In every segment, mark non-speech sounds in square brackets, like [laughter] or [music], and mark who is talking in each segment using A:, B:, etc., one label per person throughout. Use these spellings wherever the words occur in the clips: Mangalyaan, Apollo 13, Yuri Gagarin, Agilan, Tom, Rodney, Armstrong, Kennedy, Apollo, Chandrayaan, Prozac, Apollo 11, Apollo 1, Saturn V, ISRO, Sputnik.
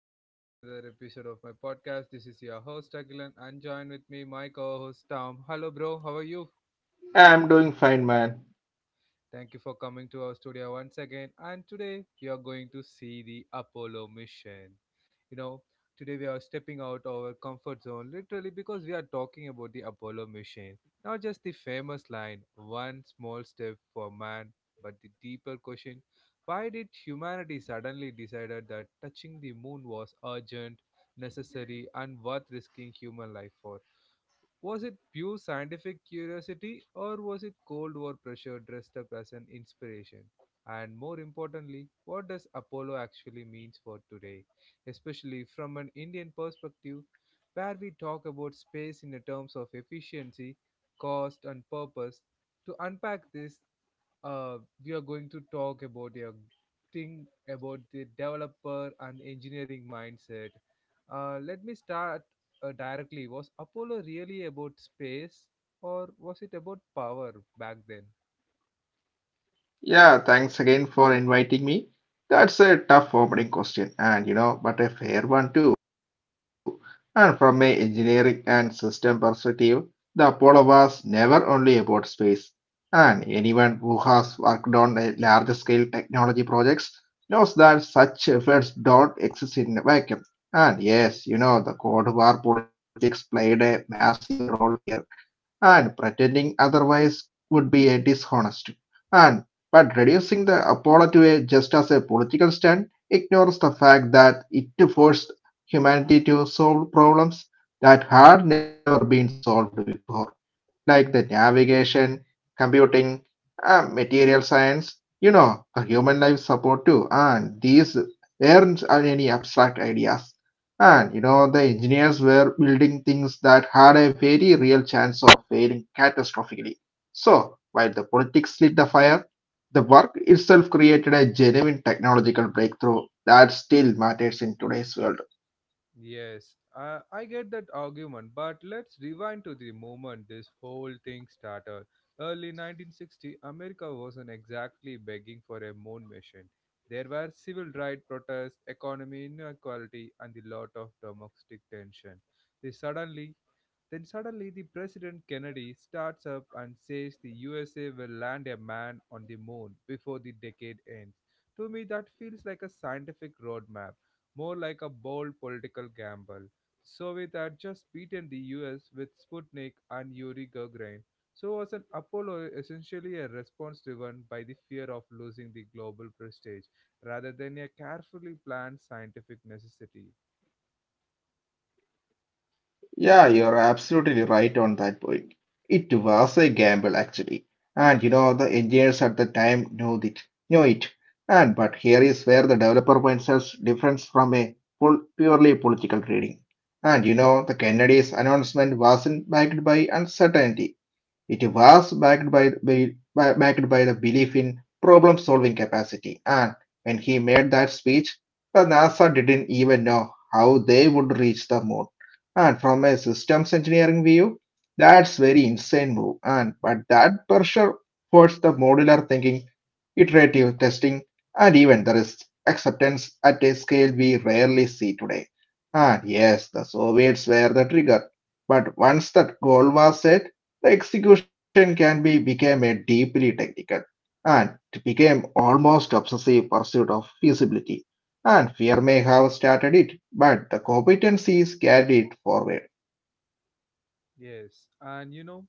A: back to the another episode of my podcast. This is your host Agilan and join with me my co-host Tom. Hello bro, how are you?
B: I'm doing fine, man.
A: Thank you for coming to our studio once again. And today we are going to see the Apollo mission. You know, today we are stepping out our comfort zone literally because we are talking about the Apollo mission. Not just the famous line, one small step for man, but the deeper question why did humanity suddenly decided that touching the moon was urgent, necessary, and worth risking human life for? Was it pure scientific curiosity or was it Cold War pressure dressed up as an inspiration? And more importantly, what does Apollo actually means for today, especially from an Indian perspective where we talk about space in the terms of efficiency, cost and purpose? To unpack this, uh, we are going to talk about a thing about the developer and engineering mindset. Let me start directly. Was Apollo really about space or was it about power back then?
B: Yeah, thanks again for inviting me. That's a tough opening question, and you know, but a fair one too. And from a engineering and system perspective, the Apollo was never only about space. And anyone who has worked on a large scale technology projects knows that such efforts don't exist in a vacuum. And yes, you know, the Cold War politics played a massive role here and pretending otherwise would be a dishonest and but reducing the apollo to a just as a political stunt ignores the fact that it forced humanity to solve problems that had never been solved before like the navigation computing material science you know the human life support too and these weren't any abstract ideas and you know, the engineers were building things that had a very real chance of failing catastrophically. So, while the politics lit the fire, the work itself created a genuine technological breakthrough that still matters in today's world.
A: Yes, I get that argument, but let's rewind to the moment this whole thing started. Early 1960, America wasn't exactly begging for a moon mission. There were civil rights protests, economy inequality, and a lot of domestic tension. They suddenly, then suddenly, the President Kennedy starts up and says the USA will land a man on the moon before the decade ends. To me, that feels like a scientific roadmap more like a bold political gamble. The Soviet had just beaten the US with Sputnik and Yuri Gagarin, so was an Apollo essentially a response driven by the fear of losing the global prestige rather than a carefully planned scientific necessity?
B: Yeah, you're absolutely right on that point. It was a gamble actually. And you know, the engineers at the time knew it. And but here is where the developer mindset's differs from a full, purely political reading. And you know, the Kennedy's announcement wasn't backed by uncertainty. It was backed by the belief in problem-solving capacity, and when he made that speech, the NASA didn't even know how they would reach the moon. And from a systems engineering view, that's very insane move. And but that pressure forced the modular thinking, iterative testing, and even the risk acceptance at a scale we rarely see today. And yes, the Soviets were the trigger. But once that goal was set, the execution can be became a deeply technical and it became almost obsessive pursuit of feasibility. And fear may have started it, but the competencies carried it forward.
A: Yes, and you know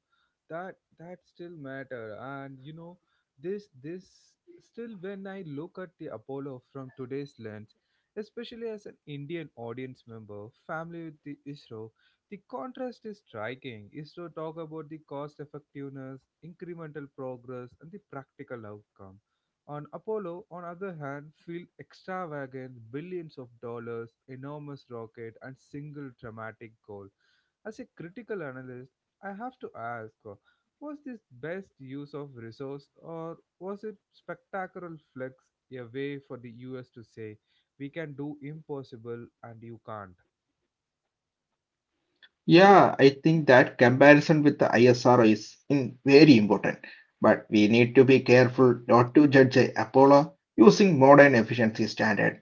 A: that still matter, and you know this still when I look at the Apollo from today's lens, especially as an Indian audience member, family with the ISRO, the contrast is striking. ISRO talk about the cost effectiveness, incremental progress, and the practical outcome. On Apollo, on other hand, feel extravagant, billions of dollars, enormous rocket, and single dramatic goal as a critical analyst, I have to ask, was this best use of resource or was it spectacular flex a way for the US to say we can do impossible and you can't?
B: Yeah, I think that comparison with the ISRO is in very important. But we need to be careful not to judge a Apollo using modern efficiency standards.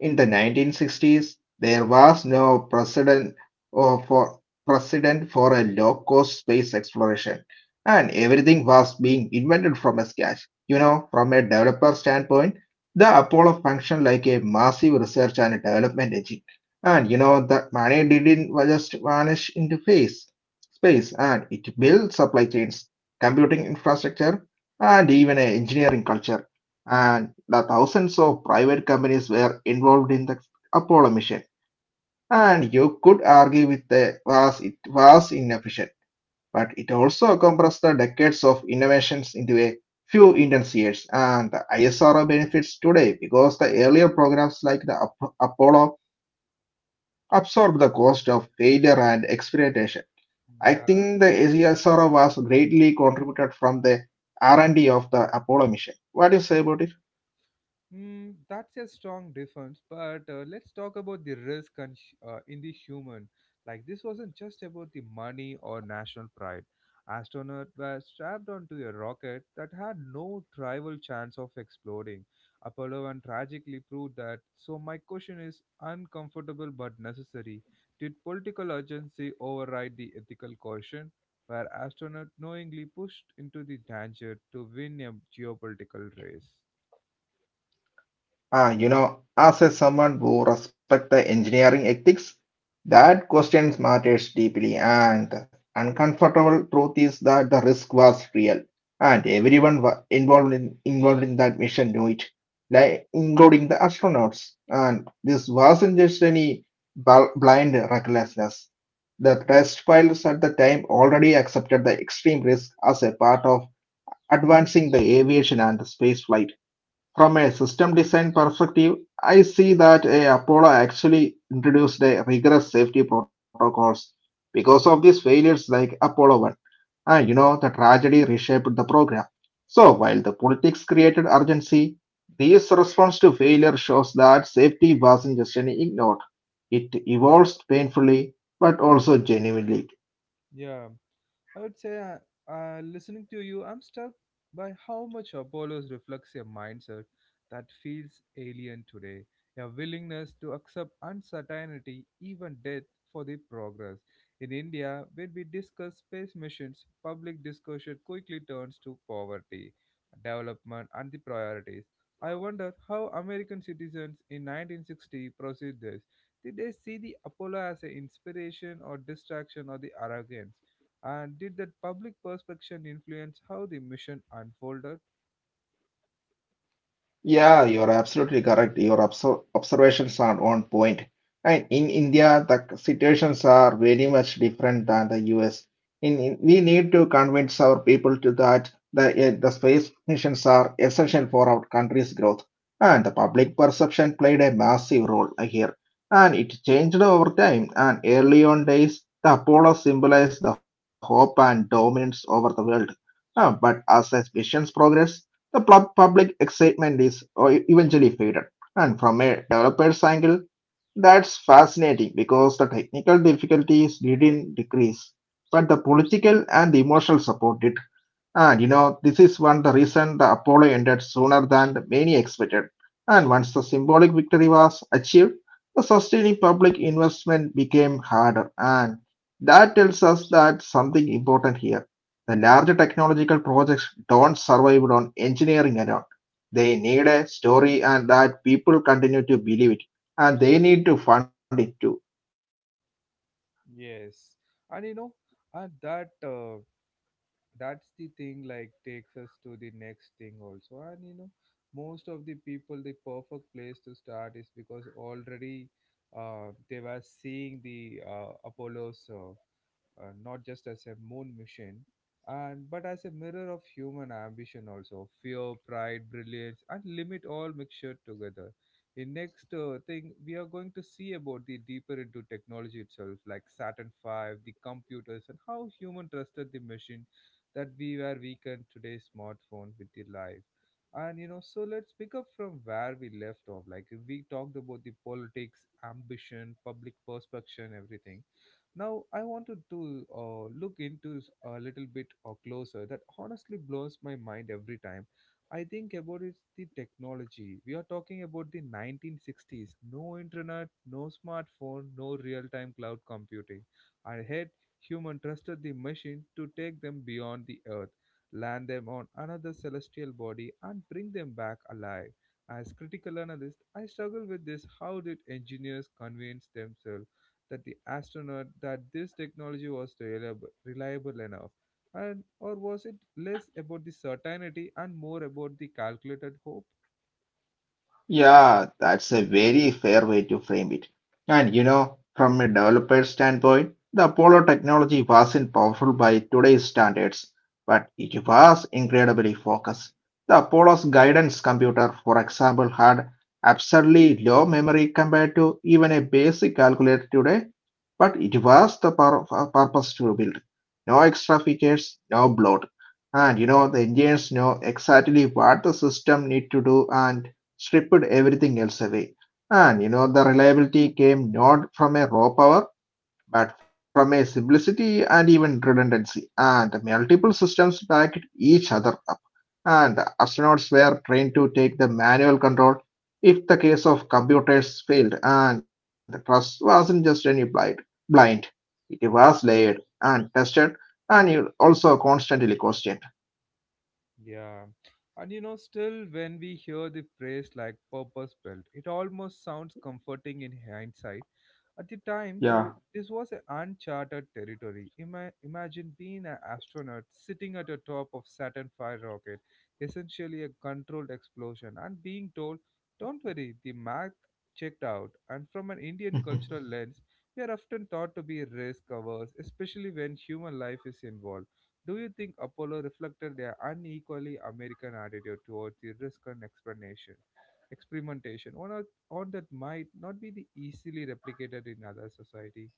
B: In the 1960s, there was no precedent or for precedent for a low-cost space exploration, and everything was being invented from a scratch. You know, from a developer standpoint, the Apollo functioned like a massive research and development engine, and you know that money didn't just vanish into space, and it built supply chains, computing infrastructure, and even an engineering culture and the thousands of private companies were involved in the Apollo mission. And you could argue with the was it was inefficient, but it also compressed the decades of innovations into a few intense years. And the ISRO benefits today because the earlier programs like the Apollo absorbed the cost of failure and experimentation. I think the ISRO
A: Yeah.
B: was greatly contributed from the R&D of the Apollo mission. What do you say about it?
A: Mm, that's a strong difference, but let's talk about the risk and in the human. Like this wasn't just about the money or national pride. Astronauts were strapped onto a rocket that had no tribal chance of exploding. Apollo one tragically proved that. So my question is uncomfortable but necessary. Did political urgency override the ethical caution? Were astronauts knowingly pushed into the danger to win a geopolitical race?
B: Ah, you know, as a someone who respects the engineering ethics, that question matters deeply, and the uncomfortable truth is that the risk was real, and everyone wa- involved in involved in that mission knew it, like including the astronauts. And this wasn't just any blind recklessness. The test pilots at the time already accepted the extreme risk as a part of advancing the aviation and the space flight. From a system design perspective, I see that a Apollo actually introduced a rigorous safety protocols because of these failures like Apollo 1. And you know, the tragedy reshaped the program. So while the politics created urgency, this response to failure shows that safety wasn't just an ignored. It evolved painfully but also genuinely.
A: Yeah. I would say, listening to you, I'm struck by how much Apollos reflects a mindset that feels alien today, a willingness to accept uncertainty, even death, for the progress. In India, when we discuss space missions, public discussion quickly turns to poverty, development, and the priorities. I wonder how American citizens in 1960 perceived this. Did they see the Apollo as an inspiration or distraction or the arrogance? And did that public perception influence how the mission unfolded?
B: Yeah, you're absolutely correct. Your observations are on point. And in India, the situations are very much different than the US. We need to convince our people to that the space missions are essential for our country's growth. And the public perception played a massive role here. And it changed over time. And early on days, the Apollo symbolized the hope and dominance over the world. But as the missions progressed, the public excitement is eventually faded. And from a developer's angle, that's fascinating because the technical difficulties didn't decrease, but the political and the emotional support did. And you know, this is one the reason the Apollo ended sooner than many expected. And once the symbolic victory was achieved, the sustaining public investment became harder. And that tells us that something important here. The larger technological projects don't survive on engineering alone. They need a story and that people continue to believe it. And they need to fund it too.
A: Yes. And you know, and that that's the thing like takes us to the next thing also. And you know, most of the people the perfect place to start is because already they were seeing the Apollo's not just as a moon mission, and but as a mirror of human ambition also, fear, pride, brilliance, and limit all mixture together. In next thing, we are going to see about the deeper into technology itself, like Saturn Five, the computers, and how human trusted the machine that we were weakened today's smartphone with the life. And you know, so let's pick up from where we left off. Like we talked about the politics, ambition, public perception, everything now, I wanted to look into a little bit closer that honestly blows my mind every time. I think about it's the technology. We are talking about the 1960s. No internet, no smartphone, no real-time cloud computing. And yet, human trusted the machine to take them beyond the earth, land them on another celestial body, and bring them back alive. As critical analyst, I struggle with this. How did engineers convince themselves that the astronaut that this technology was reliable enough and or was it less about the certainty and more about the calculated hope?
B: Yeah, that's a very fair way to frame it. And you know, from a developer standpoint, the Apollo technology wasn't powerful by today's standards, but it was incredibly focused. The Apollo's guidance computer, for example, had absurdly low memory compared to even a basic calculator today, but it was the purpose to build. No extra features, no bloat. And you know, the engineers know exactly what the system need to do and stripped everything else away. And you know, the reliability came not from a raw power, but from a simplicity and even redundancy, and multiple systems backed each other up. And astronauts were trained to take the manual control if the case of computers failed, and trust wasn't just any blind. It was layered and tested, and it also constantly questioned.
A: Yeah. And you know, still, when we hear the phrase like purpose built, it almost sounds comforting in hindsight. At the time, though,
B: Yeah.
A: this was an uncharted territory. Imagine being an astronaut sitting at the top of Saturn V rocket, essentially a controlled explosion, and being told, don't worry, the math checked out. And from an Indian cultural
B: [laughs]
A: lens, we are often thought to be risk averse, especially when human life is involved. Do you think Apollo reflected their unequally American attitude towards the risk and explanation, experimentation, or, not, or that might not be the easily replicated in other society?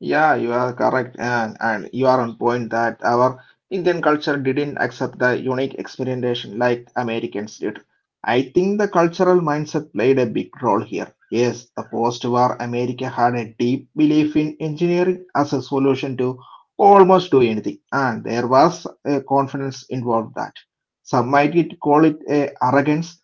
B: Yeah, you are correct, and you are on point that our Indian culture didn't accept the unique experimentation like Americans did. I think the cultural mindset played a big role here. Yes, the post-war America had a deep belief in engineering as a solution to almost do anything, and there was a confidence involved that some might call it a arrogance,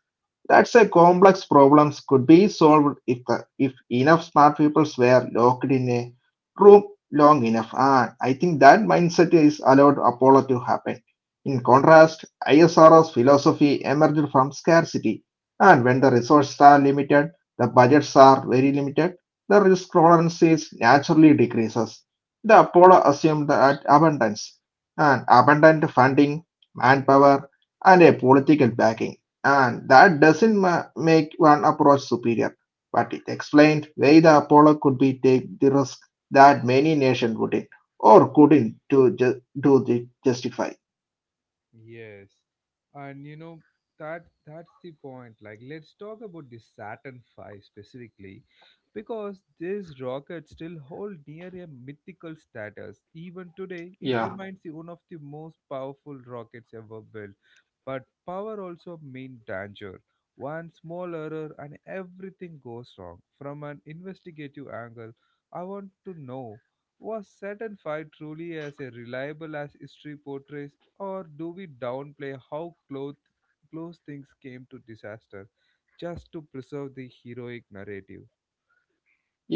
B: that's a complex problems could be solved if if enough smart people were locked in a room long enough. And I think that mindset is allowed Apollo to happen. In contrast, ISRO's philosophy emerged from scarcity, and when the resources are limited, the budgets are very limited, the risk tolerances naturally decreases. The Apollo assumed that abundance and abundant funding, manpower, and a political backing. And that doesn't make one approach superior, but it explained why the Apollo could be take the risk that many nations wouldn't or couldn't to do the justify.
A: Yes. And you know that's the point. Like let's talk about the Saturn V specifically because this rocket still hold near a mythical status. Even today it remains the one of the most powerful rockets ever built. But power also means danger. One small error and everything goes wrong. From an investigative angle, I want to know was Saturn V truly as reliable as history portrays, or do we downplay how close things came to disaster just to preserve the heroic narrative?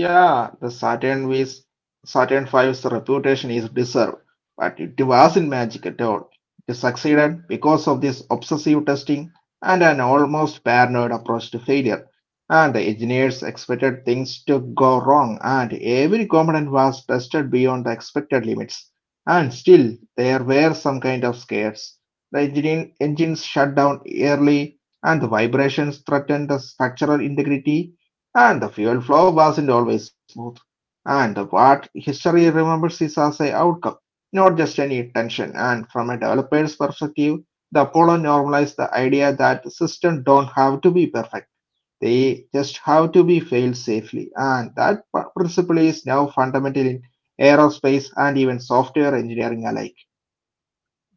B: Yeah, the Saturn V's reputation is deserved, but it wasn't magic at all. It succeeded because of this obsessive testing and an almost paranoid approach to failure. And the engineers expected things to go wrong, and every component was tested beyond the expected limits. And still, there were some kind of scares. The engines shut down early, and the vibrations threatened the structural integrity and the fuel flow wasn't always smooth. And what history remembers is as a outcome, not just any tension. And from a developer's perspective, the Apollo normalized the idea that systems don't have to be perfect. They just have to be failed safely. And that principle is now fundamental in aerospace and even software engineering alike.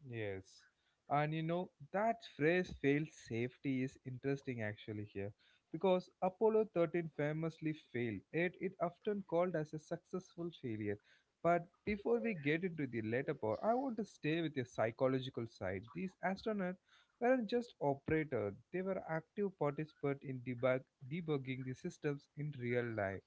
A: Yes. And you know, that phrase failed safety is interesting actually here because Apollo 13 famously failed. It often called as a successful failure. But before we get into the latter part, I want to stay with the psychological side. These astronauts weren't just operators, they were active participants in debugging the systems in real life,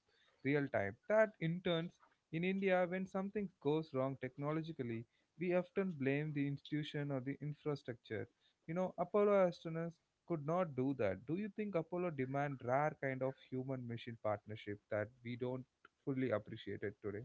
A: real time. That interns in India when something goes wrong technologically we often blame the institution or the infrastructure. You know, Apollo astronauts could not do that. Do you think Apollo demand rare kind of human machine partnership that we don't fully appreciate it today?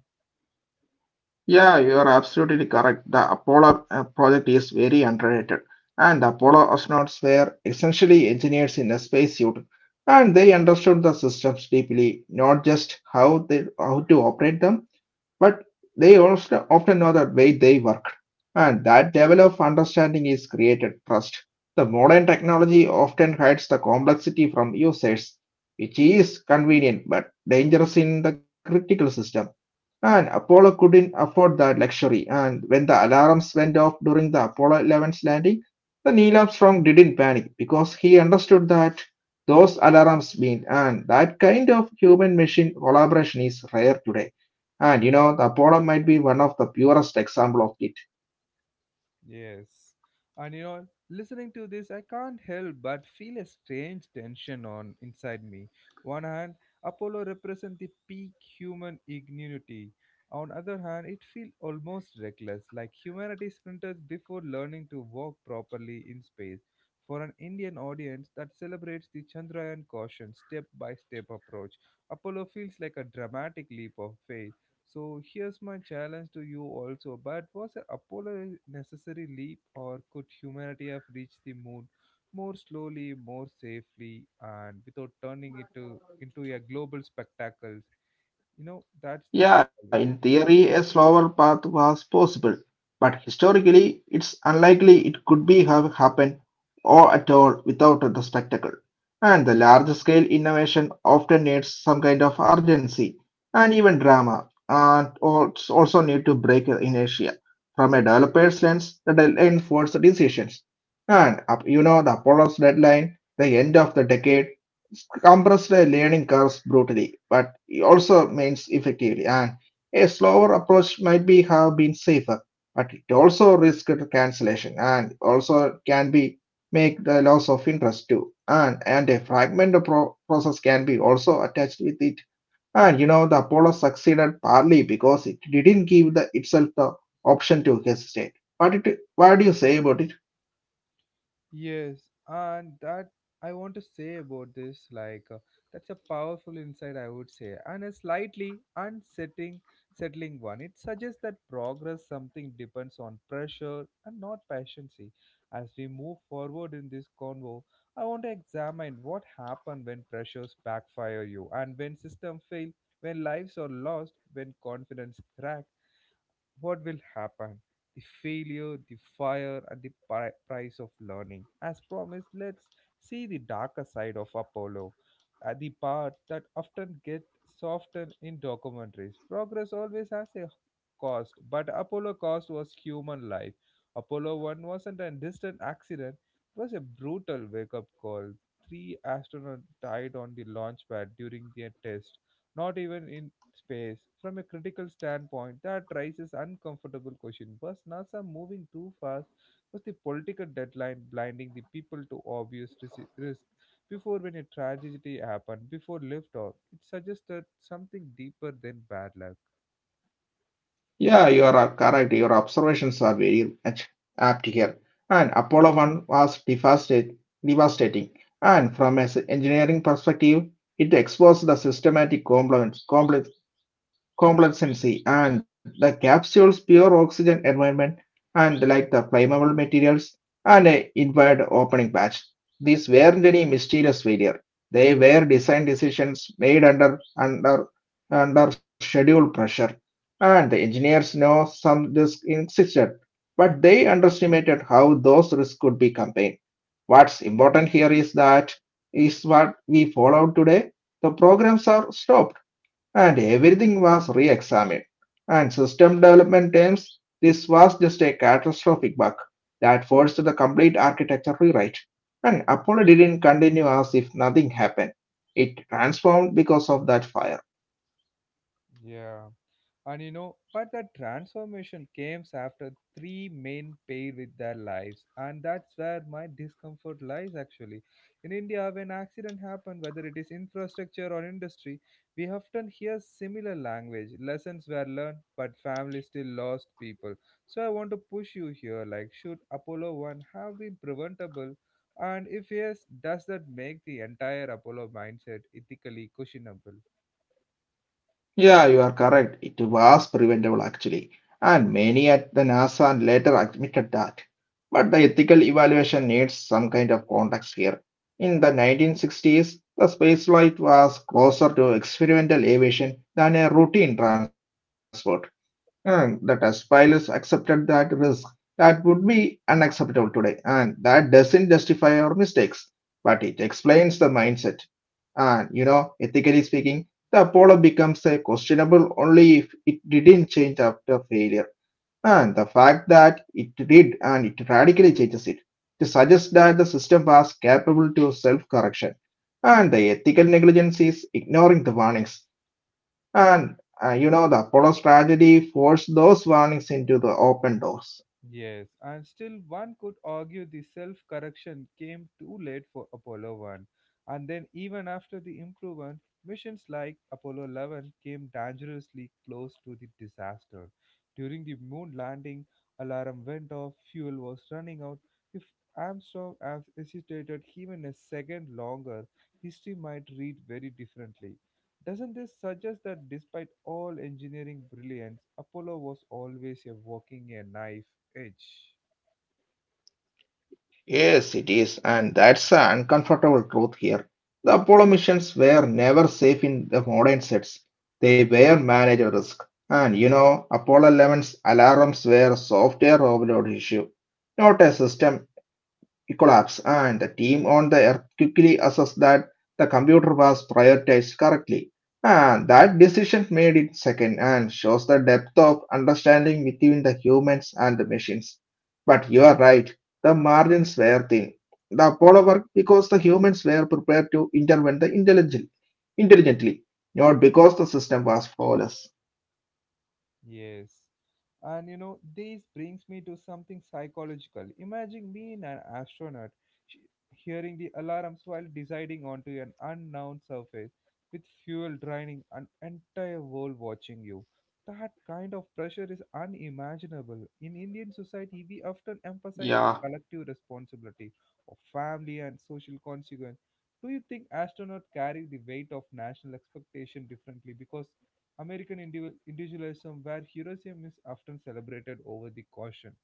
B: Yeah, you are absolutely correct. The Apollo project is very underrated, and the Apollo astronauts were essentially engineers in a spacesuit, and they understood the systems deeply, not just how to operate them, but they also often know the way they work. And that level of understanding is created trust. The modern technology often hides the complexity from users, which is convenient but dangerous in the critical system. And Apollo couldn't afford that luxury. And when the alarms went off during the Apollo 11's landing, the Neil Armstrong didn't panic because he understood that those alarms mean, and that kind of human machine collaboration is rare today. And you know, the Apollo might be one of the purest example of it.
A: Yes. And you know, listening to this, I can't help but feel a strange tension on inside me. One hand, Apollo represents the peak human ingenuity. On other hand, it feels almost reckless, like humanity sprinters before learning to walk properly in space. For an Indian audience that celebrates the Chandrayaan caution step by step approach, Apollo feels like a dramatic leap of faith so here's my challenge to you also. But was Apollo a necessary leap, or could humanity have reached the moon more slowly, more safely, and without turning it to, into a global spectacle? You know, that's the thing
B: Yeah,
A: always.
B: in theory, a slower path was possible, but historically, it's unlikely it could be have happened or at all without the spectacle. And the large scale innovation often needs some kind of urgency and even drama, and also need to break inertia. From a developer's lens, the deadline forces decisions. And up, you know, the Apollo's deadline, the end of the decade compressed learning curves brutally, but it also means effectively, and a slower approach might be have been safer, but it also risked cancellation and also can be make the loss of interest too. And a process can be also attached with it. And you know the Apollo succeeded partly because it didn't give the itself the option to hesitate. What do you say about it?
A: Yes, and that I want to say about this, like that's a powerful insight, I would say, and a slightly settling one. It suggests that progress something depends on pressure and not patience. As we move forward in this convo, I want to examine what happens when pressures backfire you, and when system fail, when lives are lost, when confidence crack, what will happen the failure the fire and the price of learning as promised. Let's see the darker side of Apollo, the part that often gets softened in documentaries. Progress always has a cost but Apollo cost was human life. Apollo 1 wasn't a distant accident, it was a brutal wake-up call. Three astronauts died on the launch pad during their test, not even in space. From a critical standpoint that raises uncomfortable question, was NASA moving too fast? Was the political deadline blinding the people to obvious risk before? When a tragedy happened before liftoff it suggested something deeper than bad luck.
B: Yeah, you are correct. Your observations are very much apt here. And Apollo 1 was devastate- devastating. And from an engineering perspective, it exposed the systematic complex Complexity and the capsule's pure oxygen environment, and like the flammable materials and a inward opening patch. These weren't any mysterious failure. They were design decisions made under schedule pressure, and the engineers know some risk existed, but they underestimated how those risks could be campaigned. What's important here is that is what we followed today. The programs are stopped and everything was re-examined. And system development terms, this was just a catastrophic bug that forced the complete architecture rewrite. And Apollo didn't continue as if nothing happened. It transformed because of that fire.
A: Yeah. And you know, but that transformation comes after three men pay with their lives, and that's where my discomfort lies actually. In India, when accident happen, whether it is infrastructure or industry, we often hear similar language. Lessons were learned, but family still lost people. So I want to push you here. Like, should Apollo One have been preventable? And if yes, does that make the entire Apollo mindset ethically questionable?
B: Yeah, you are correct. It was preventable actually, and many at the NASA and later admitted that. But the ethical evaluation needs some kind of context here. In the 1960s, the spaceflight was closer to experimental aviation than a routine transport, and the test pilots accepted that risk. That would be unacceptable today, and that doesn't justify our mistakes, but it explains the mindset. And you know, ethically speaking, the Apollo becomes a questionable only if it didn't change after failure. And the fact that it did and it radically changes it to suggest that the system was capable to self-correction. And the ethical negligence is ignoring the warnings. And the Apollo's tragedy forced those warnings into the open doors.
A: Yes, and still one could argue the self correction came too late for Apollo 1. And then, even after the improvement, missions like Apollo 11 came dangerously close to the disaster. During the moon landing, alarm went off, fuel was running out. If Armstrong had hesitated even a second longer, history might read very differently. Doesn't this suggest that despite all engineering brilliance, Apollo was always a walking a knife edge?
B: Yes, it is, and that's an uncomfortable truth here. The Apollo missions were never safe in the modern sets. They were managed risk. And you know, Apollo 11's alarms were software overload issue, not a system collapse, and the team on the Earth quickly assessed that the computer was prioritized correctly. And that decision made it second and shows the depth of understanding between the humans and the machines. But you are right, the margins were thin. The Apollo worked because the humans were prepared to intervene intelligently, not because the system was flawless.
A: Yes. And you know, this brings me to something psychological. Imagine being an astronaut, sh- hearing the alarms while deciding onto an unknown surface, with fuel draining an entire world watching you. That kind of pressure is unimaginable. In Indian society, we often emphasize the
B: Yeah,
A: collective responsibility of family and social consequence. Do you think astronauts carry the weight of national expectation differently because American individualism, where heroism is often celebrated over the caution?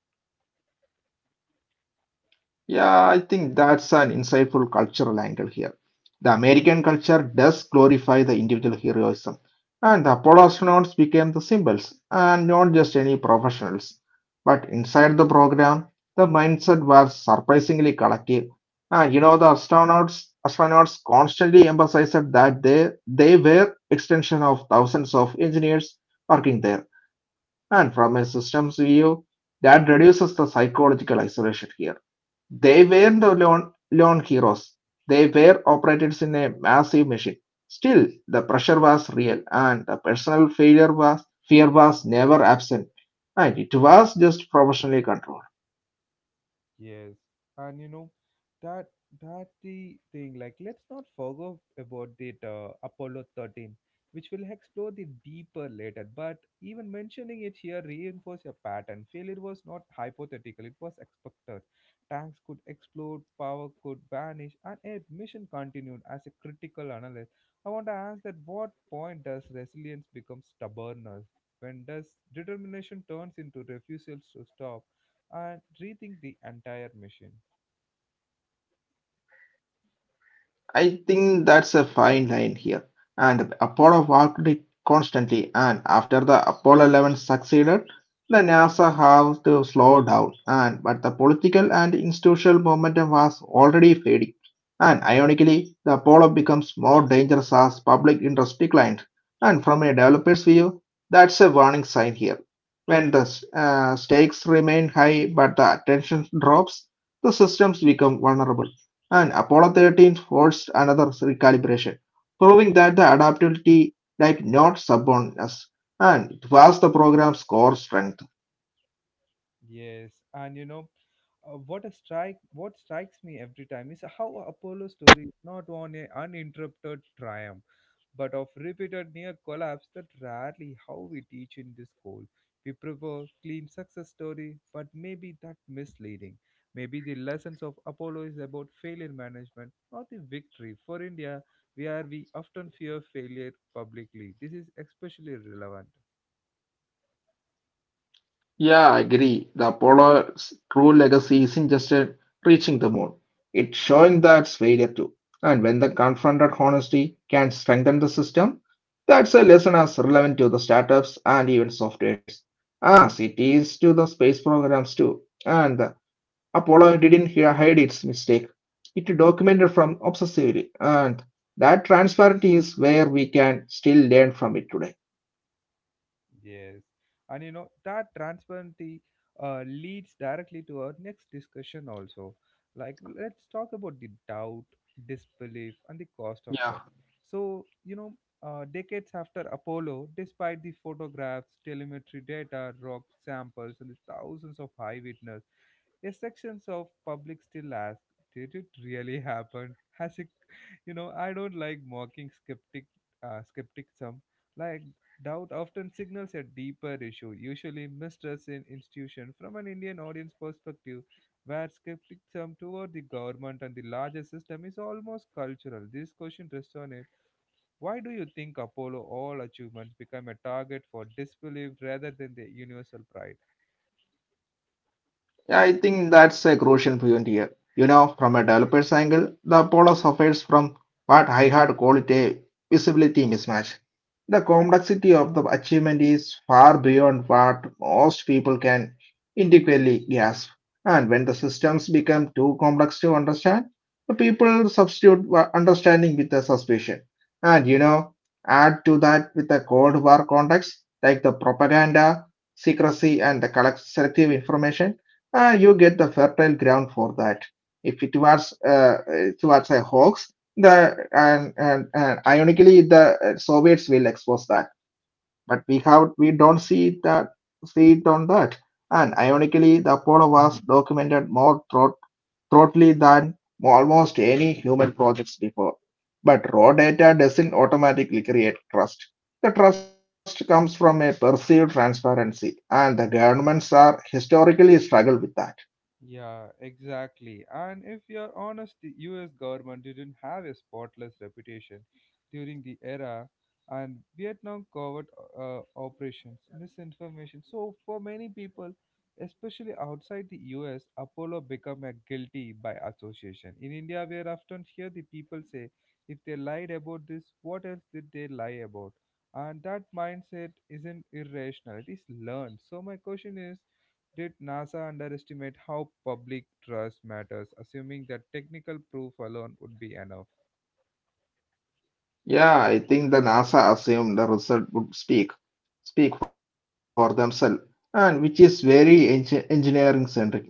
B: yeah, I think that's an insightful cultural angle here. The American culture does glorify the individual heroism, and the Apollo astronauts became the symbols, and not just any professionals. But inside the program, the mindset was surprisingly collective. And you know, the astronauts constantly emphasized that they were extension of thousands of engineers working there. And from a systems view, that reduces the psychological isolation here they weren't lone heroes; they were operatives in a massive machine. Still, the pressure was real, and the personal failure was fear was never absent, and it was just professionally controlled.
A: Yes, and you know that that the thing, like, let's not forget about that Apollo 13, which will explore the deeper later. But even mentioning it here reinforce a pattern. Failure was not hypothetical; it was expected. Tanks could explode, power could vanish, and a mission continued. As a critical analyst, I want to ask that what point does resilience become stubbornness? When does determination turns into refusal to stop and rethink the entire mission?
B: I think that's a fine line here. And Apollo worked it constantly, and after the Apollo 11 succeeded, the NASA had to slow down. And but the political and institutional momentum was already fading. And ironically, the Apollo becomes more dangerous as public interest declined. And from a developer's view, that's a warning sign here. When the stakes remain high but the attention drops, the systems become vulnerable and Apollo 13 forced another recalibration, proving that the adaptability like not stubbornness, and it was the program's core strength.
A: Yes, and you know, what a strike! What strikes me every time is how Apollo's story is not on a uninterrupted triumph, but of repeated near collapse that rarely how we teach in this school. We prefer clean success story, but maybe that misleading. Maybe the lessons of Apollo is about failure management, not the victory. For India, where we often fear failure publicly, this is especially relevant.
B: Yeah, I agree. The Apollo's true legacy isn't just reaching the moon, it's showing that failure too. And when the confronted honesty can strengthen the system, that's a lesson as relevant to the startups and even softwares as it is to the space programs too. And Apollo didn't hide its mistake. It documented from obsessively, and that transparency is where we can still learn from it today.
A: Yes. And you know, that transparency leads directly to our next discussion also. Like, let's talk about the doubt, disbelief, and the cost of
B: Yeah,
A: trust. So, you know, decades after Apollo, despite the photographs, telemetry data, rock samples, and the thousands of eyewitness, a sections of public still ask, "Did it really happen?" Has it, [laughs] you know, I don't like mocking skepticism. Like doubt often signals a deeper issue, usually mistrust in institution. From an Indian audience perspective, where skepticism toward the government and the larger system is almost cultural, this question resonates. Why do you think Apollo all achievements become a target for disbelief rather than the universal pride?
B: Yeah, I think that's a crucial point here. You know, from a developer's angle, the Apollo suffers from what I had called a visibility mismatch. The complexity of the achievement is far beyond what most people can adequately grasp. And when the systems become too complex to understand, the people substitute understanding with a suspicion. And you know, add to that with the Cold War context, like the propaganda, secrecy, and the selective information you get the fertile ground for that. If it was a hoax, and ironically the Soviets will expose that, but we don't see it on that. And ironically, the Apollo was documented more thro- thoroughly than almost any human projects before. But raw data doesn't automatically create trust. The trust comes from a perceived transparency, and the governments are historically struggle with that.
A: Yeah, exactly. And if you're honest, the US government didn't have a spotless reputation during the era and Vietnam covert operations, misinformation. So for many people, especially outside the US, Apollo become a guilty by association. In India, we are often hear the people say, if they lied about this, what else did they lie about? And that mindset isn't irrational, it is learned. So my question is, did NASA underestimate how public trust matters, assuming that technical proof alone would be enough?
B: Yeah, I think the NASA assumed the result would speak for themselves, and which is very engineering centric mistake.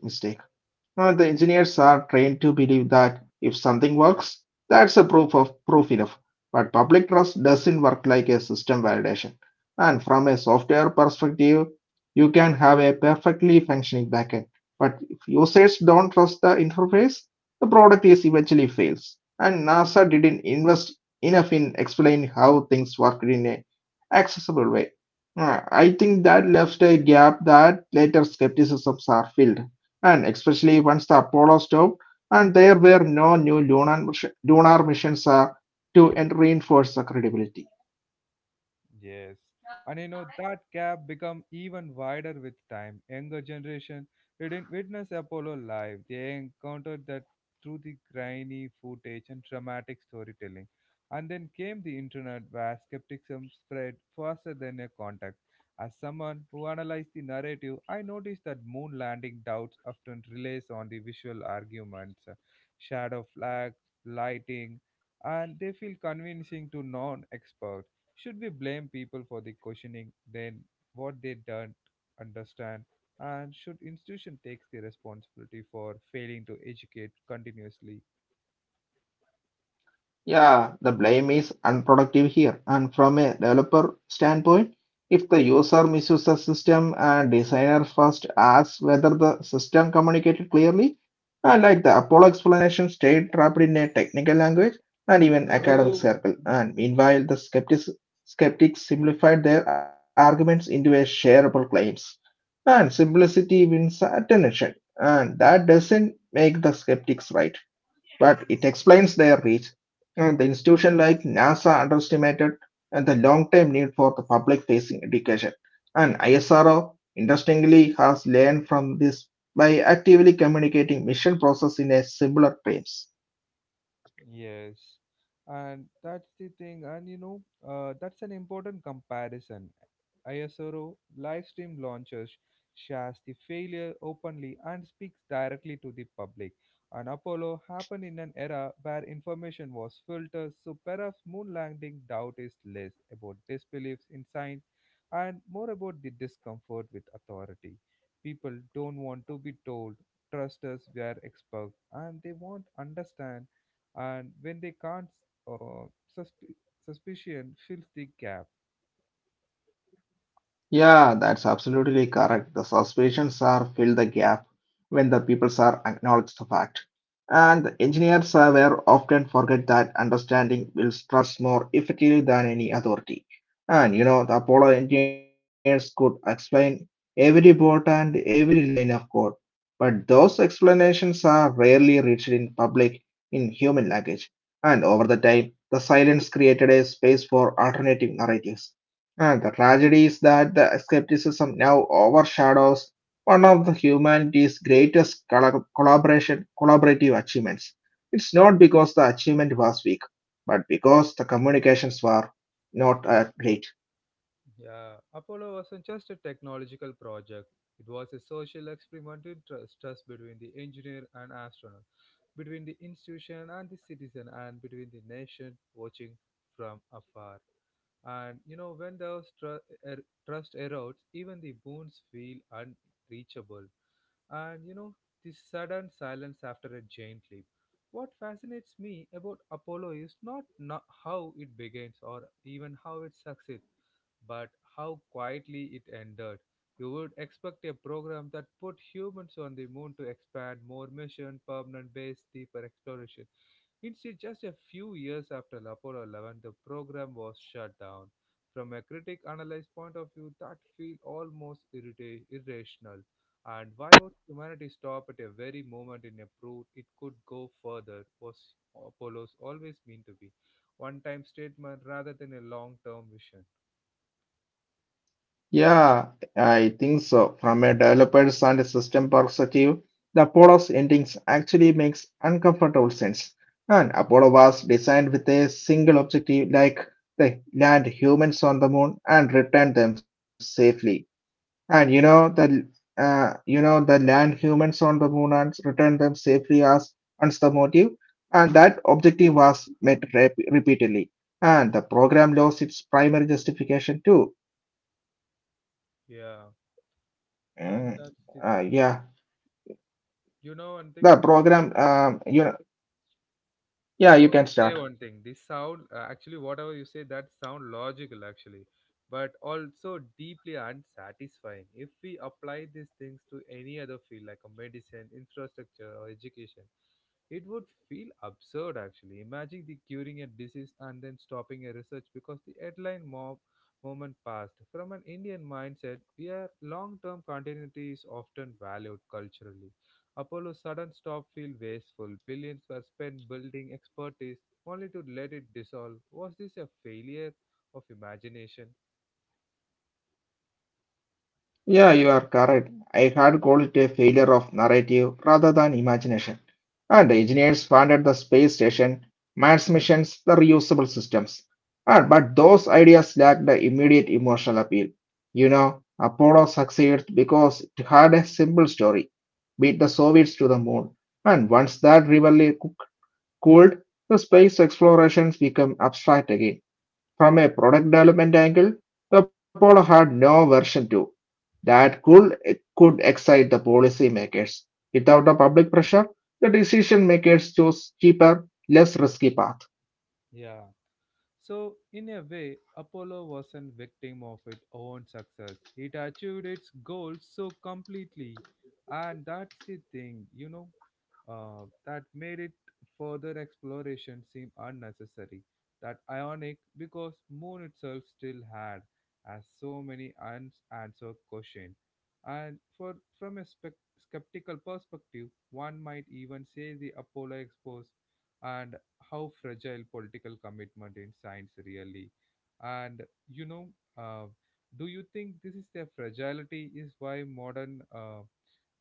B: The engineers are trained to believe that if something works, that's a proof enough. But public trust doesn't work like a system validation. And from a software perspective, you can have a perfectly functioning backend. But if users don't trust the interface, the product is eventually fails. And NASA didn't invest enough in explaining how things work in a accessible way. I think that left a gap that later skepticisms are filled and especially once the Apollo stopped, and there were no new lunar missions to reinforce the credibility.
A: Yes. And you know that gap become even wider with time. Younger generation didn't witness Apollo live. They encountered that through the grainy footage and dramatic storytelling. And then came the internet where skepticism spread faster than a contact. As someone who analyzed the narrative, I noticed that moon landing doubts often relies on the visual arguments, shadow flag, lighting, and they feel convincing to non-experts. Should we blame people for the questioning then what they don't understand? And should institution take the responsibility for failing to educate continuously?
B: Yeah, the blame is unproductive here, and from a developer standpoint, if the user misuses the system and designer first asks whether the system communicated clearly. Like the Apollo explanation stayed trapped in a technical language and even academic circle, and meanwhile skeptics simplified their arguments into a shareable claims. And simplicity wins attention, and that doesn't make the skeptics right but it explains their reach. And the institution like NASA underestimated and the long-term need for the public-facing education. And ISRO, interestingly, has learned from this by actively communicating mission process in a simpler terms.
A: Yes, and that's the thing, and you know, that's an important comparison. ISRO live stream launches shares the failure openly and speaks directly to the public. And Apollo happened in an era where information was filtered, so perhaps moon landing doubt is less about disbeliefs in science and more about the discomfort with authority. People don't want to be told, trust us, we are experts, and they want understand and when they can't, uh, susp- suspicion fills the gap.
B: Yeah, that's absolutely correct. The suspicions are fill the gap when the peoples are acknowledged the fact. And engineers were often forget that understanding builds trust more effectively than any authority. And you know, the Apollo engineers could explain every boat and every line of code, but those explanations are rarely reached in public in human language. And over the time, the silence created a space for alternative narratives. And the tragedy is that the skepticism now overshadows one of the humanity's greatest colla- collaboration collaborative achievements. It's not because the achievement was weak, but because the communications were not great.
A: Yeah, Apollo wasn't just a technological project. It was a social experiment in trust, trust between the engineer and astronaut, between the institution and the citizen, and between the nation watching from afar. And you know, when those trust erodes, even the boons feel unreachable. And you know the sudden silence after a giant leap. What fascinates me about Apollo is not how it begins or even how it succeeds, but how quietly it ended. You would expect a program that put humans on the moon to expand more mission permanent base deeper exploration. Instead, just a few years after Apollo 11, the program was shut down. From a critic analyzed point of view, that feels almost irrational. And why would humanity stop at a very moment in a proof it could go further? Was Apollo's always meant to be one time statement rather than a long term vision?
B: Yeah, I think so. From a developer's and a system perspective, the Apollo's endings actually makes uncomfortable sense. And Apollo was designed with a single objective, like they land humans on the moon and return them safely. And you know the land humans on the moon and return them safely as once the motive, and that objective was met repeatedly, and the program lost its primary justification too.
A: Yeah, and
B: Mm,
A: that's the thing.
B: yeah,
A: You know one thing?
B: the program. You know,
A: I
B: Yeah,
A: want to
B: you can
A: say one
B: start.
A: thing. This sound, actually, whatever you say, that sound logical actually, but also deeply unsatisfying. If we apply these things to any other field like a medicine, infrastructure, or education, it would feel absurd actually. Imagine the curing a disease and then stopping a research because the headline mob moment passed. From an Indian mindset, we are long-term continuity is often valued culturally. Apollo's sudden stop felt wasteful. Billions were spent building expertise only to let it dissolve. Was this a failure of imagination?
B: Yeah, you are correct. I had called it a failure of narrative rather than imagination. And the engineers funded the space station, Mars missions, the reusable systems. Ah, but those ideas lacked the immediate emotional appeal. You know, Apollo succeeds because it had a simple story beat the Soviets to the moon. And once that rivalry cooled, the space explorations become abstract again. From a product development angle, the Apollo had no version 2 that could excite the policymakers. Without the public pressure, the decision makers chose cheaper, less risky path.
A: Yeah. So, in a way, Apollo wasn't victim of its own success. It achieved its goals so completely, and that's the thing, you know, that made it further exploration seem unnecessary. That ionic because Moon itself still had as so many unanswered questions, and for from a skeptical perspective, one might even say the Apollo exposed and how fragile political commitment in science really. And you know, uh, do you think this is their fragility is why modern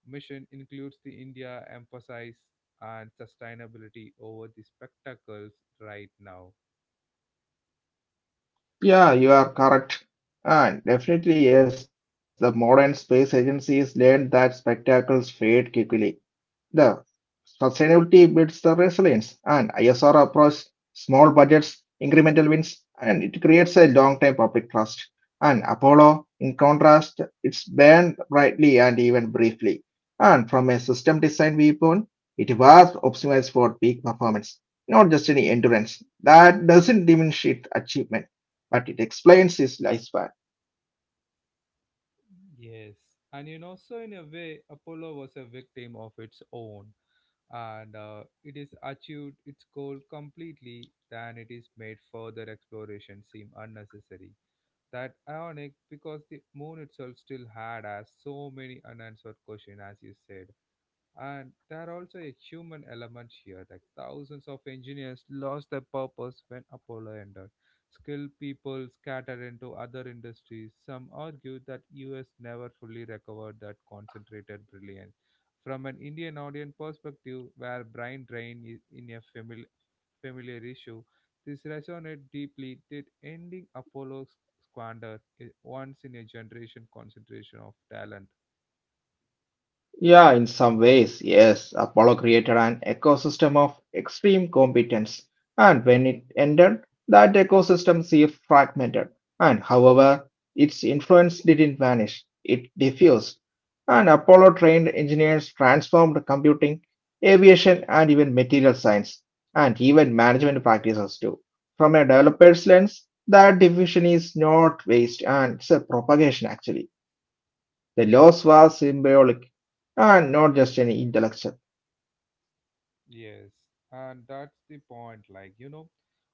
A: mission includes the India emphasize and sustainability over the spectacles right now?
B: Yeah, you are correct. And definitely, yes, the modern space agencies learned that spectacles fade quickly. The sustainability builds the resilience, and ISR approach small budgets, incremental wins, and it creates a long-term public trust. And Apollo, in contrast, it's burned brightly and even briefly. And from a system design viewpoint, it was optimized for peak performance, not just any endurance. That doesn't diminish its achievement, but it explains its lifespan.
A: Yes. And you know, so in a way Apollo was a victim of its own, and it is achieved its goal completely then it is made further exploration seem unnecessary. That ironic because the moon itself still had as so many unanswered questions as you said. And there are also a human element here. Like thousands of engineers lost their purpose when Apollo ended. Skilled people scattered into other industries. Some argue that US never fully recovered that concentrated brilliance. From an Indian audience perspective, where brain drain is in a familiar issue, this resonated deeply. Did ending Apollo's squander a once in a generation concentration of talent?
B: Yeah, in some ways, yes. Apollo created an ecosystem of extreme competence, and when it ended, that ecosystem seemed fragmented. And however, its influence didn't vanish, it diffused. And Apollo trained engineers transformed computing, aviation, and even material science, and even management practices too. From a developer's lens, that diffusion is not waste and it's a propagation actually. The loss was symbolic and not just any intellectual.
A: Yes, and that's the point. Like, you know,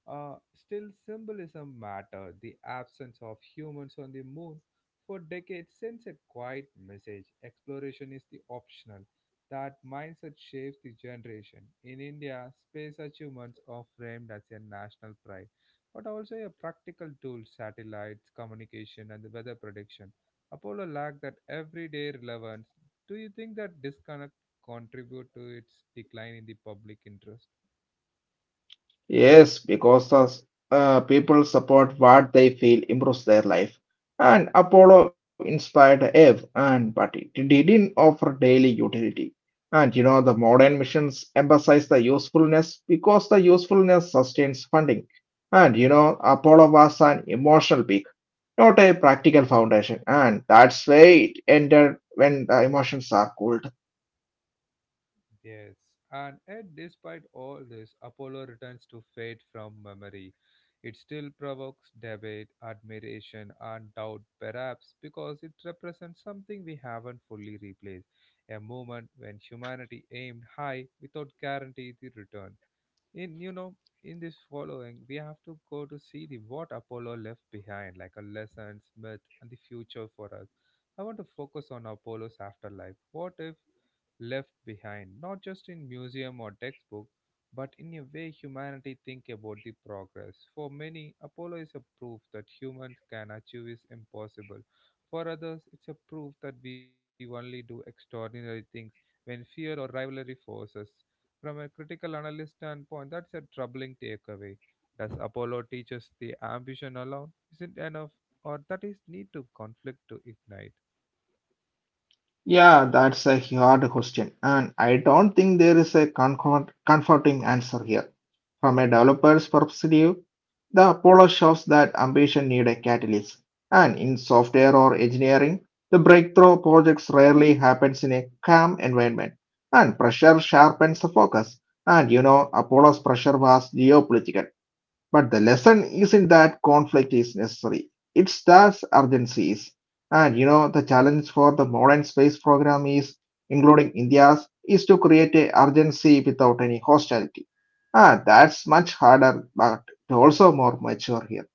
A: still symbolism matter. The absence of humans on the moon for decades sends a quiet message. Exploration is the optional. That mindset shapes the generation. In India, space achievements are framed as a national pride, but also a practical tool: satellites, communication, and the weather prediction. Apollo lacked that everyday relevance. Do you think that disconnect contribute to its decline in the public interest?
B: Yes, because the people support what they feel improves their life. And Apollo inspired Eve, and but it didn't offer daily utility. And you know the modern missions emphasize the usefulness because the usefulness sustains funding. And you know Apollo was an emotional peak, not a practical foundation, and that's why it ended when the emotions are cooled.
A: Yes, and yet, despite all this, Apollo returns to fate from memory. It still provokes debate, admiration, and doubt, perhaps because it represents something we haven't fully replaced, a moment when humanity aimed high without guarantee the return. In, you know, in this following we have to go to see the what Apollo left behind, like a lessons myth and the future for us. I want to focus on Apollo's afterlife, what if left behind, not just in museum or textbook, but in a way humanity think about the progress. For many, Apollo is a proof that humans can achieve is impossible. For others, it's a proof that we only do extraordinary things when fear or rivalry forces. From a critical analyst standpoint, that's a troubling takeaway. Does Apollo teach us the ambition alone isn't enough, or that is need to conflict to ignite?
B: Yeah, that's a hard question, and I don't think there is a comforting answer here. From a developer's perspective, the Apollo shows that ambition need a catalyst, and in software or engineering, the breakthrough projects rarely happens in a calm environment, and pressure sharpens the focus. And you know, Apollo's pressure was geopolitical. But the lesson isn't that conflict is necessary. It's that urgency is. And you know, the challenge for the modern space program is, including India's, is to create a urgency without any hostility. Ah, that's much harder, but also more mature here.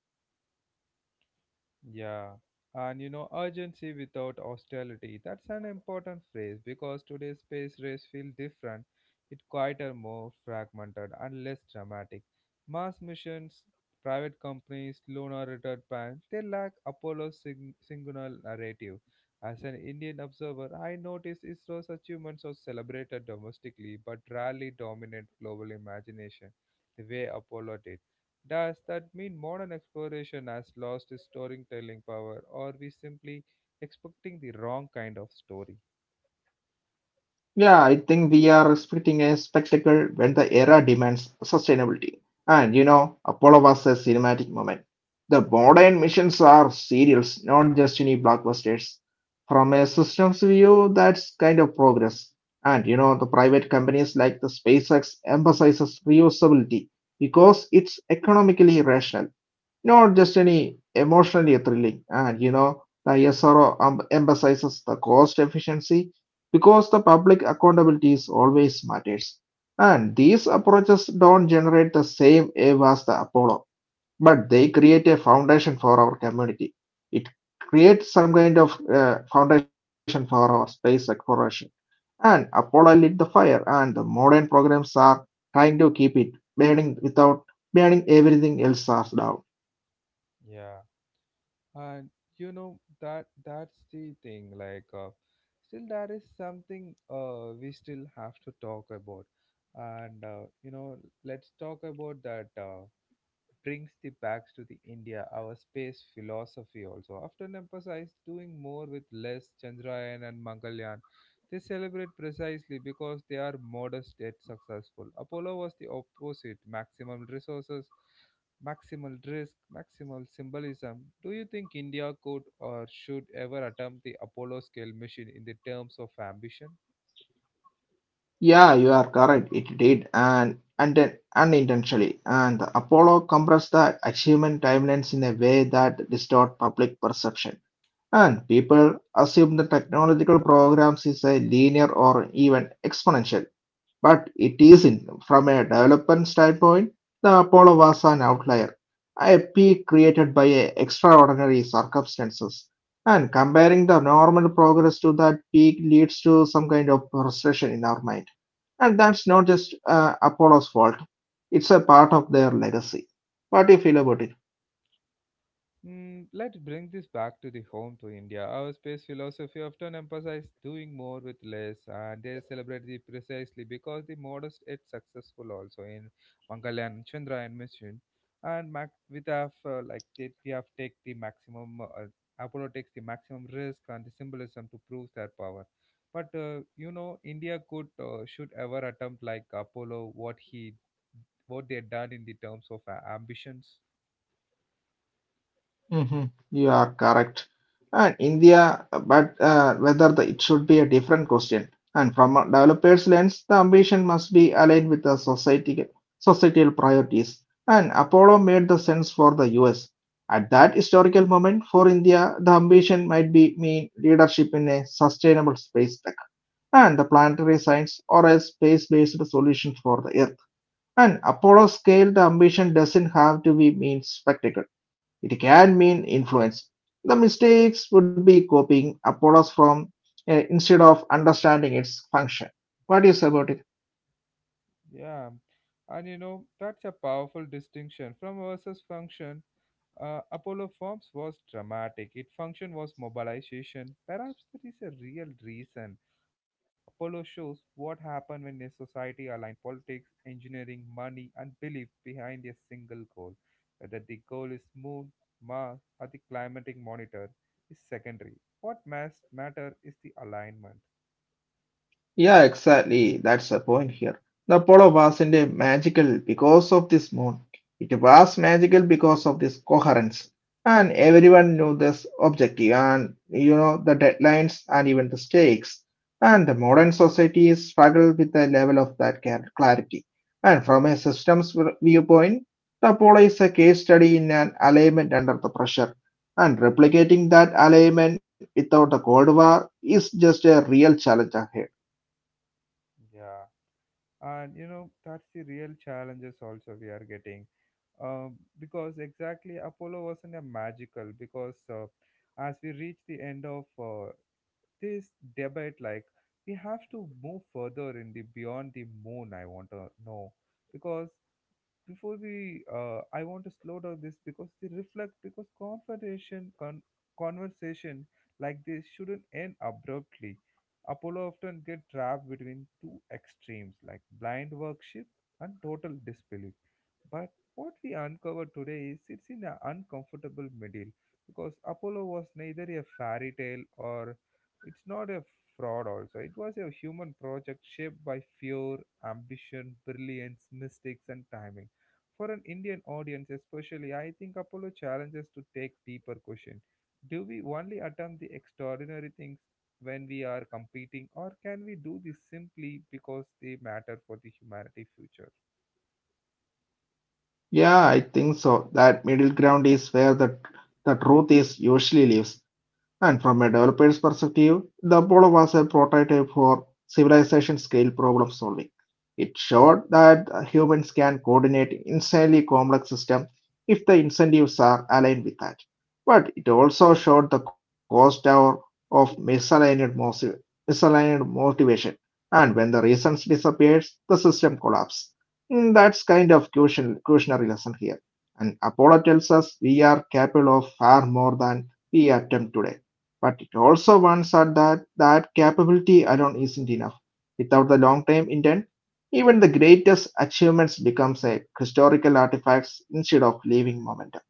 A: Yeah, and you know, urgency without hostility. That's an important phrase because today's space race feel different. It quieter, more fragmented, and less dramatic. Mass missions, private companies, lunar return plans, they lack Apollo's singular narrative. As an Indian observer, I noticed ISRO's achievements are celebrated domestically but rarely dominate global imagination the way Apollo did. Does that mean modern exploration has lost its storytelling power, or we simply expecting the wrong kind of story?
B: Yeah, I think we are expecting a spectacle when the era demands sustainability. Apollo was a cinematic moment. The modern missions are serials, not just any blockbusters. From a systems view, that's kind of progress. The private companies like the SpaceX emphasizes reusability because it's economically rational, not just any emotionally thrilling. The SRO emphasizes the cost efficiency because the public accountability is always matters. And these approaches don't generate the same wave as the Apollo, but they create a foundation for our community. It creates some kind of foundation for our space exploration. And Apollo lit the fire, and the modern programs are trying to keep it burning without burning everything else down.
A: Yeah, and you know that's the thing. Like, still that is something we still have to talk about, and you know, let's talk about that. Brings the bags to the India, our space philosophy also often emphasised doing more with less Chandrayaan and Mangalyaan. They celebrate precisely because they are modest yet successful. Apollo was the opposite, maximum resources, maximal risk, maximal symbolism. Do you think India could or should ever attempt the Apollo scale mission in the terms of ambition?
B: Yeah, you are correct. It did, and then unintentionally, and the Apollo compressed the achievement timelines in a way that distort public perception, and people assume the technological programs is a linear or even exponential, but it isn't. From a development standpoint, the Apollo was an outlier, a peak created by a extraordinary circumstances. And comparing the normal progress to that peak leads to some kind of frustration in our mind, and that's not just Apollo's fault, it's a part of their legacy. What do you feel about it?
A: Mm, let's bring this back to the home to India. Our space philosophy often emphasizes doing more with less, and they celebrate the precisely because the modest is successful also in Mangalyaan, Chandra, and mission, and Mac with have like did we have take the maximum Apollo takes the maximum risk and the symbolism to prove their power. But you know, India could should ever attempt like Apollo what he what they had done in the terms of ambitions.
B: Hmm. You are correct. And India, but whether the, it should be a different question. And from a developer's lens, the ambition must be aligned with the society, societal priorities. And Apollo made the sense for the US. At that historical moment for India, the ambition might be mean leadership in a sustainable space and the planetary science or a space-based solution for the Earth. An Apollo-scale ambition doesn't have to be mean spectacle. It can mean influence. The mistakes would be copying Apollo's from instead of understanding its function. What do you say about it?
A: Yeah, and you know, that's a powerful distinction. From versus function, Apollo forms was dramatic. Its function was mobilization. Perhaps there is a real reason. Apollo shows what happened when a society aligned politics, engineering, money, and belief behind a single goal. Whether the goal is moon, Mars, or the climatic monitor is secondary. What must matter is the alignment.
B: Yeah, exactly. That's the point here. The Apollo wasn't a magical because of this moon. It was magical because of this coherence. And everyone knew this objective and, you know, the deadlines and even the stakes. And the modern society is struggled with the level of that clarity. And from a viewpoint, the Apollo is a case study in an alignment under the pressure. And replicating that alignment without the Cold War is just a real challenge ahead.
A: Yeah, and you know that's the real challenges also we are getting because exactly Apollo wasn't a magical because as we reach the end of this debate, like we have to move further in the beyond the moon. I want to know because before we, I want to slow down this because they reflect because conversation like this shouldn't end abruptly. Apollo often get trapped between two extremes, like blind worship and total disbelief, but what we uncover today is it's in an uncomfortable middle, because Apollo was neither a fairy tale or it's not a fraud also. It was a human project shaped by fear, ambition, brilliance, mistakes, and timing. For an Indian audience, especially, I think Apollo challenges to take deeper question. Do we only attempt the extraordinary things when we are competing, or can we do this simply because they matter for the humanity future?
B: Yeah, I think so. That middle ground is where the truth is usually lives. And from a developer's perspective, the Apollo was a prototype for civilization scale problem solving. It showed that humans can coordinate insanely complex systems if the incentives are aligned with that. But it also showed the cost of misaligned, misaligned motivation. And when the reasons disappears, the system collapses. Mm, that's kind of cautionary lesson here. And Apollo tells us we are capable of far more than we attempt today. But it also warns us that that capability alone isn't enough. Without the long-term intent, even the greatest achievements becomes a historical artifacts instead of living momentum.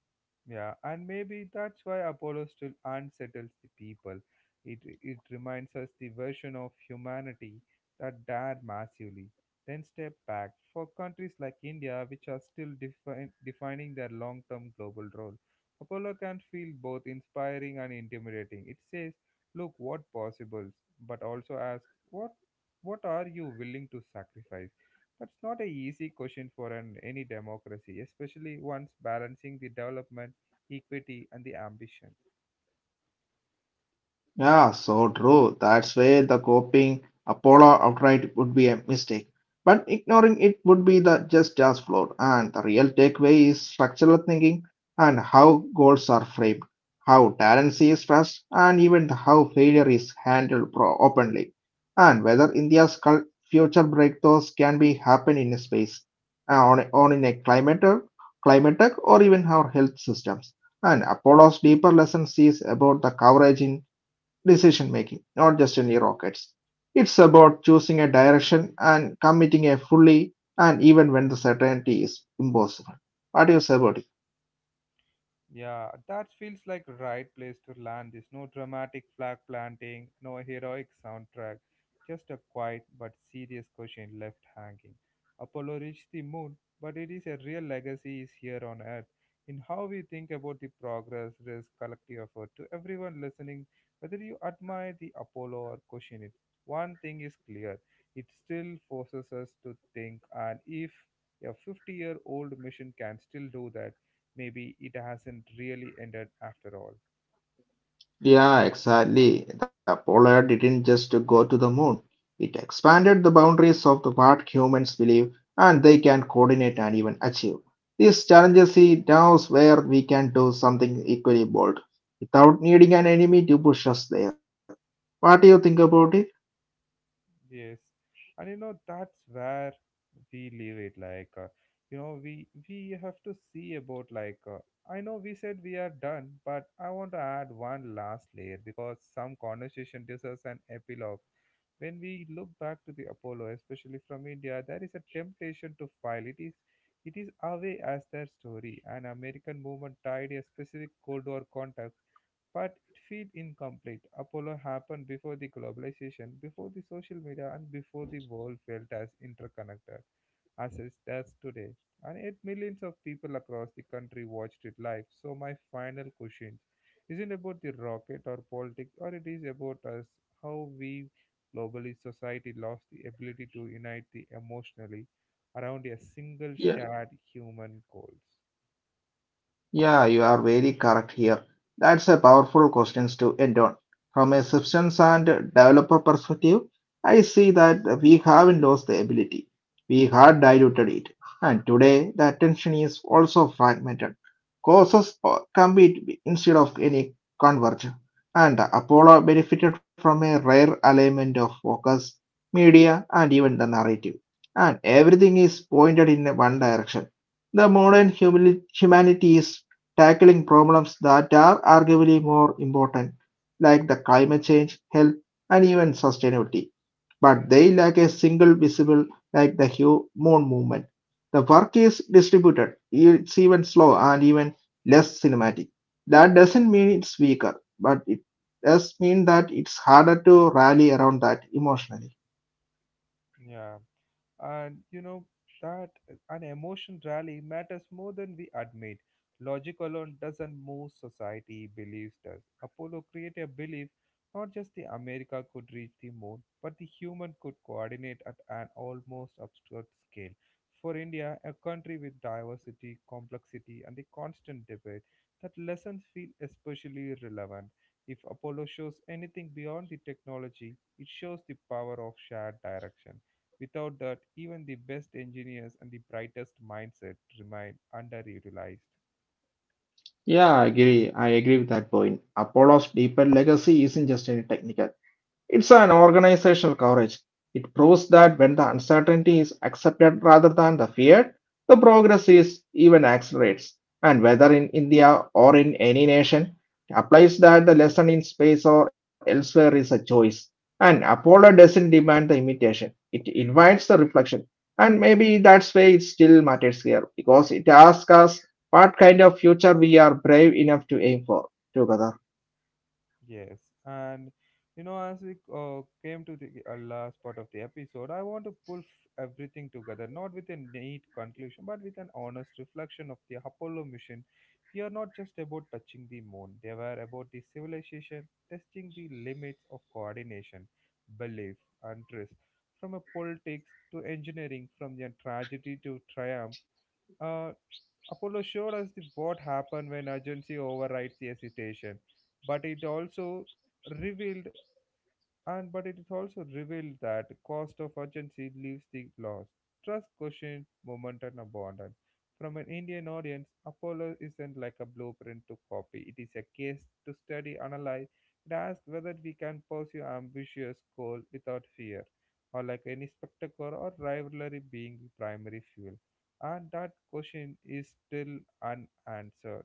A: Yeah, and maybe that's why Apollo still unsettles the people. It reminds us the version of humanity that dared massively, then step back. For countries like India, which are still defining their long term global role, Apollo can feel both inspiring and intimidating. It says, look what possibles, but also asks, what are you willing to sacrifice? That's not an easy question for any democracy, especially once balancing the development, equity, and the ambition.
B: Yeah, so true. That's why the copying Apollo outright would be a mistake. But ignoring it would be the just as flawed. And the real takeaway is structural thinking and how goals are framed, how talent is trust, and even how failure is handled openly, and whether future breakthroughs can be happen in a space, on in a climate tech, or even our health systems. And Apollo's deeper lesson is about the coverage in decision making, not just any rockets. It's about choosing a direction and committing a fully and even when the certainty is impossible. What do you say about it?
A: Yeah, that feels like right place to land this. No dramatic flag planting, no heroic soundtrack, just a quiet but serious question left hanging. Apollo reached the moon, but it is a real legacy is here on Earth in how we think about the progress, risk, collective effort. To everyone listening, whether you admire the Apollo or question it, one thing is clear: it still forces us to think, and if a 50-year-old mission can still do that, maybe it hasn't really ended after all.
B: Yeah, exactly. The polar didn't just go to the moon. It expanded the boundaries of the what humans believe and they can coordinate and even achieve. These challenges see now where we can do something equally bold without needing an enemy to push us there. What do you think about it?
A: Yes, and you know that's where we leave it. Like, we have to see about like. I know we said we are done, but I want to add one last layer because some conversation deserves an epilogue. When we look back to the Apollo, especially from India, there is a temptation to file. It is away as their story, an American movement tied a specific Cold War context. But it feels incomplete. Apollo happened before the globalization, before the social media, and before the world felt as interconnected as it does today. And yet, millions of people across the country watched it live. So, my final question isn't about the rocket or politics, or it is about us, how we globally society lost the ability to unite the emotionally around a single shared human goals.
B: Yeah, you are very correct here. That's a powerful question to end on. From a substance and developer perspective, I see that we haven't lost the ability. We had diluted it. And today, the attention is also fragmented. Courses compete instead of any converge. And Apollo benefited from a rare alignment of focus, media, and even the narrative. And everything is pointed in one direction. The modern humanity is tackling problems that are arguably more important, like the climate change, health, and even sustainability. But they lack a single visible, like the human movement. The work is distributed, it's even slow and even less cinematic. That doesn't mean it's weaker, but it does mean that it's harder to rally around that emotionally.
A: Yeah. And you know that an emotion rally matters more than we admit. Logic alone doesn't move society, beliefs does. Apollo created a belief, not just the America could reach the moon, but the human could coordinate at an almost absurd scale. For India, a country with diversity, complexity, and the constant debate, that lessons feel especially relevant. If Apollo shows anything beyond the technology, it shows the power of shared direction. Without that, even the best engineers and the brightest mindset remain underutilized.
B: Yeah, I agree. I agree with that point. Apollo's deeper legacy isn't just any technical. It's an organizational coverage. It proves that when the uncertainty is accepted rather than the feared, the progress is even accelerates. And whether in India or in any nation, applies that the lesson in space or elsewhere is a choice. And Apollo doesn't demand the imitation. It invites the reflection. And maybe that's why it still matters here, because it asks us what kind of future we are brave enough to aim for. Together.
A: Yes, and you know, as we came to the last part of the episode, I want to everything together, not with a neat conclusion, but with an honest reflection of the Apollo mission. We are not just about touching the moon; they were about the civilization, testing the limits of coordination, belief, and trust. From a politics to engineering, from the tragedy to triumph. Uh, Apollo showed us the, what happened when urgency overrides the hesitation, but it also revealed and but it is also revealed that cost of urgency leaves the lost. Trust questions, moment and abandon. From an Indian audience, Apollo isn't like a blueprint to copy. It is a case to study, analyze, and ask whether we can pursue ambitious goal without fear, or like any spectacle or rivalry being the primary fuel. And that question is still unanswered.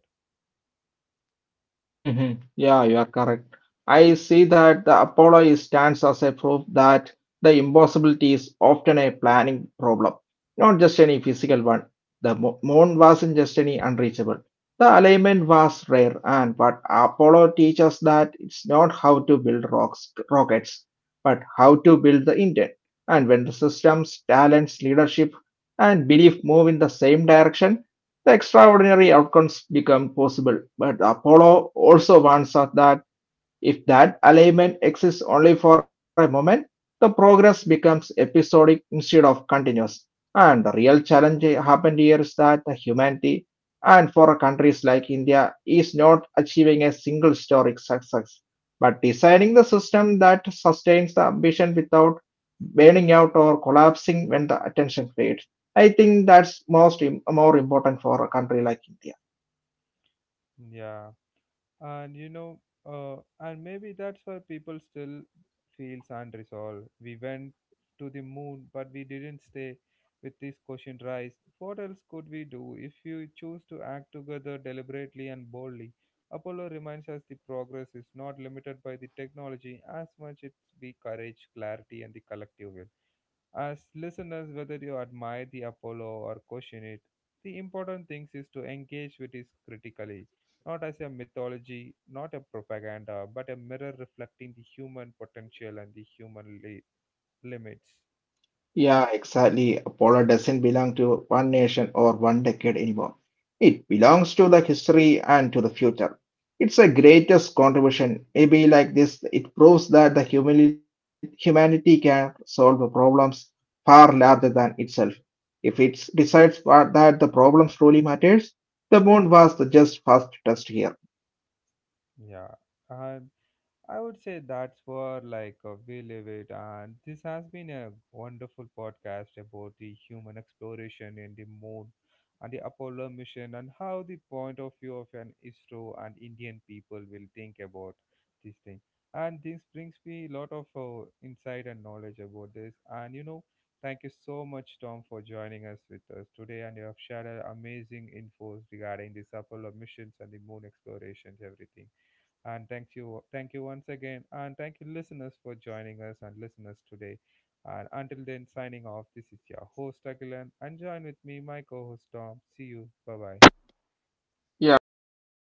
B: Hmm. Yeah, you are correct. I see that the stands as a proof that the impossibility is often a planning problem, not just any physical one. The moon wasn't just any unreachable. The alignment was rare, and but Apollo teaches that it's not how to build rockets, but how to build the intent. And when the systems, talents, leadership, and belief move in the same direction, the extraordinary outcomes become possible, but Apollo also warns us that if that alignment exists only for a moment, the progress becomes episodic instead of continuous. And the real challenge happened here is that the humanity and for countries like India is not achieving a single historic success, but designing the system that sustains the ambition without burning out or collapsing when the attention fades. I think that's most more important for a country like India.
A: Yeah. And you know, uh, and maybe that's why people still feels unresolved. We went to the moon, but we didn't stay with this question rise. What else could we do if you choose to act together deliberately and boldly? Apollo reminds us the progress is not limited by the technology as much it's be courage, clarity, and the collective will. As listeners, whether you admire the Apollo or question it, the important thing is to engage with it critically, not as a mythology, not a propaganda, but a mirror reflecting the human potential and the limits.
B: Yeah, exactly. Apollo doesn't belong to one nation or one decade anymore. It belongs to the history and to the future. It's a greatest contribution. Maybe like this, it proves that the humanity can solve the problems far larger than itself. If it decides that the problems truly matters, the moon was the just first test here.
A: Yeah. And I would say that's where like we live it, and this has been a wonderful podcast about the human exploration in the moon and the Apollo mission and how the point of view of an ISRO and Indian people will think about this thing. And this brings me a lot of insight and knowledge about this. And you know, thank you so much, Tom, for joining us with us today, and you have shared amazing infos regarding this Apollo missions and the moon explorations, everything. And thank you once again, and thank you, listeners, for joining us and listeners today. And until then, signing off. This is your host Agilan, and join with me, my co-host Tom. See you. Bye bye.
B: Yeah, see you in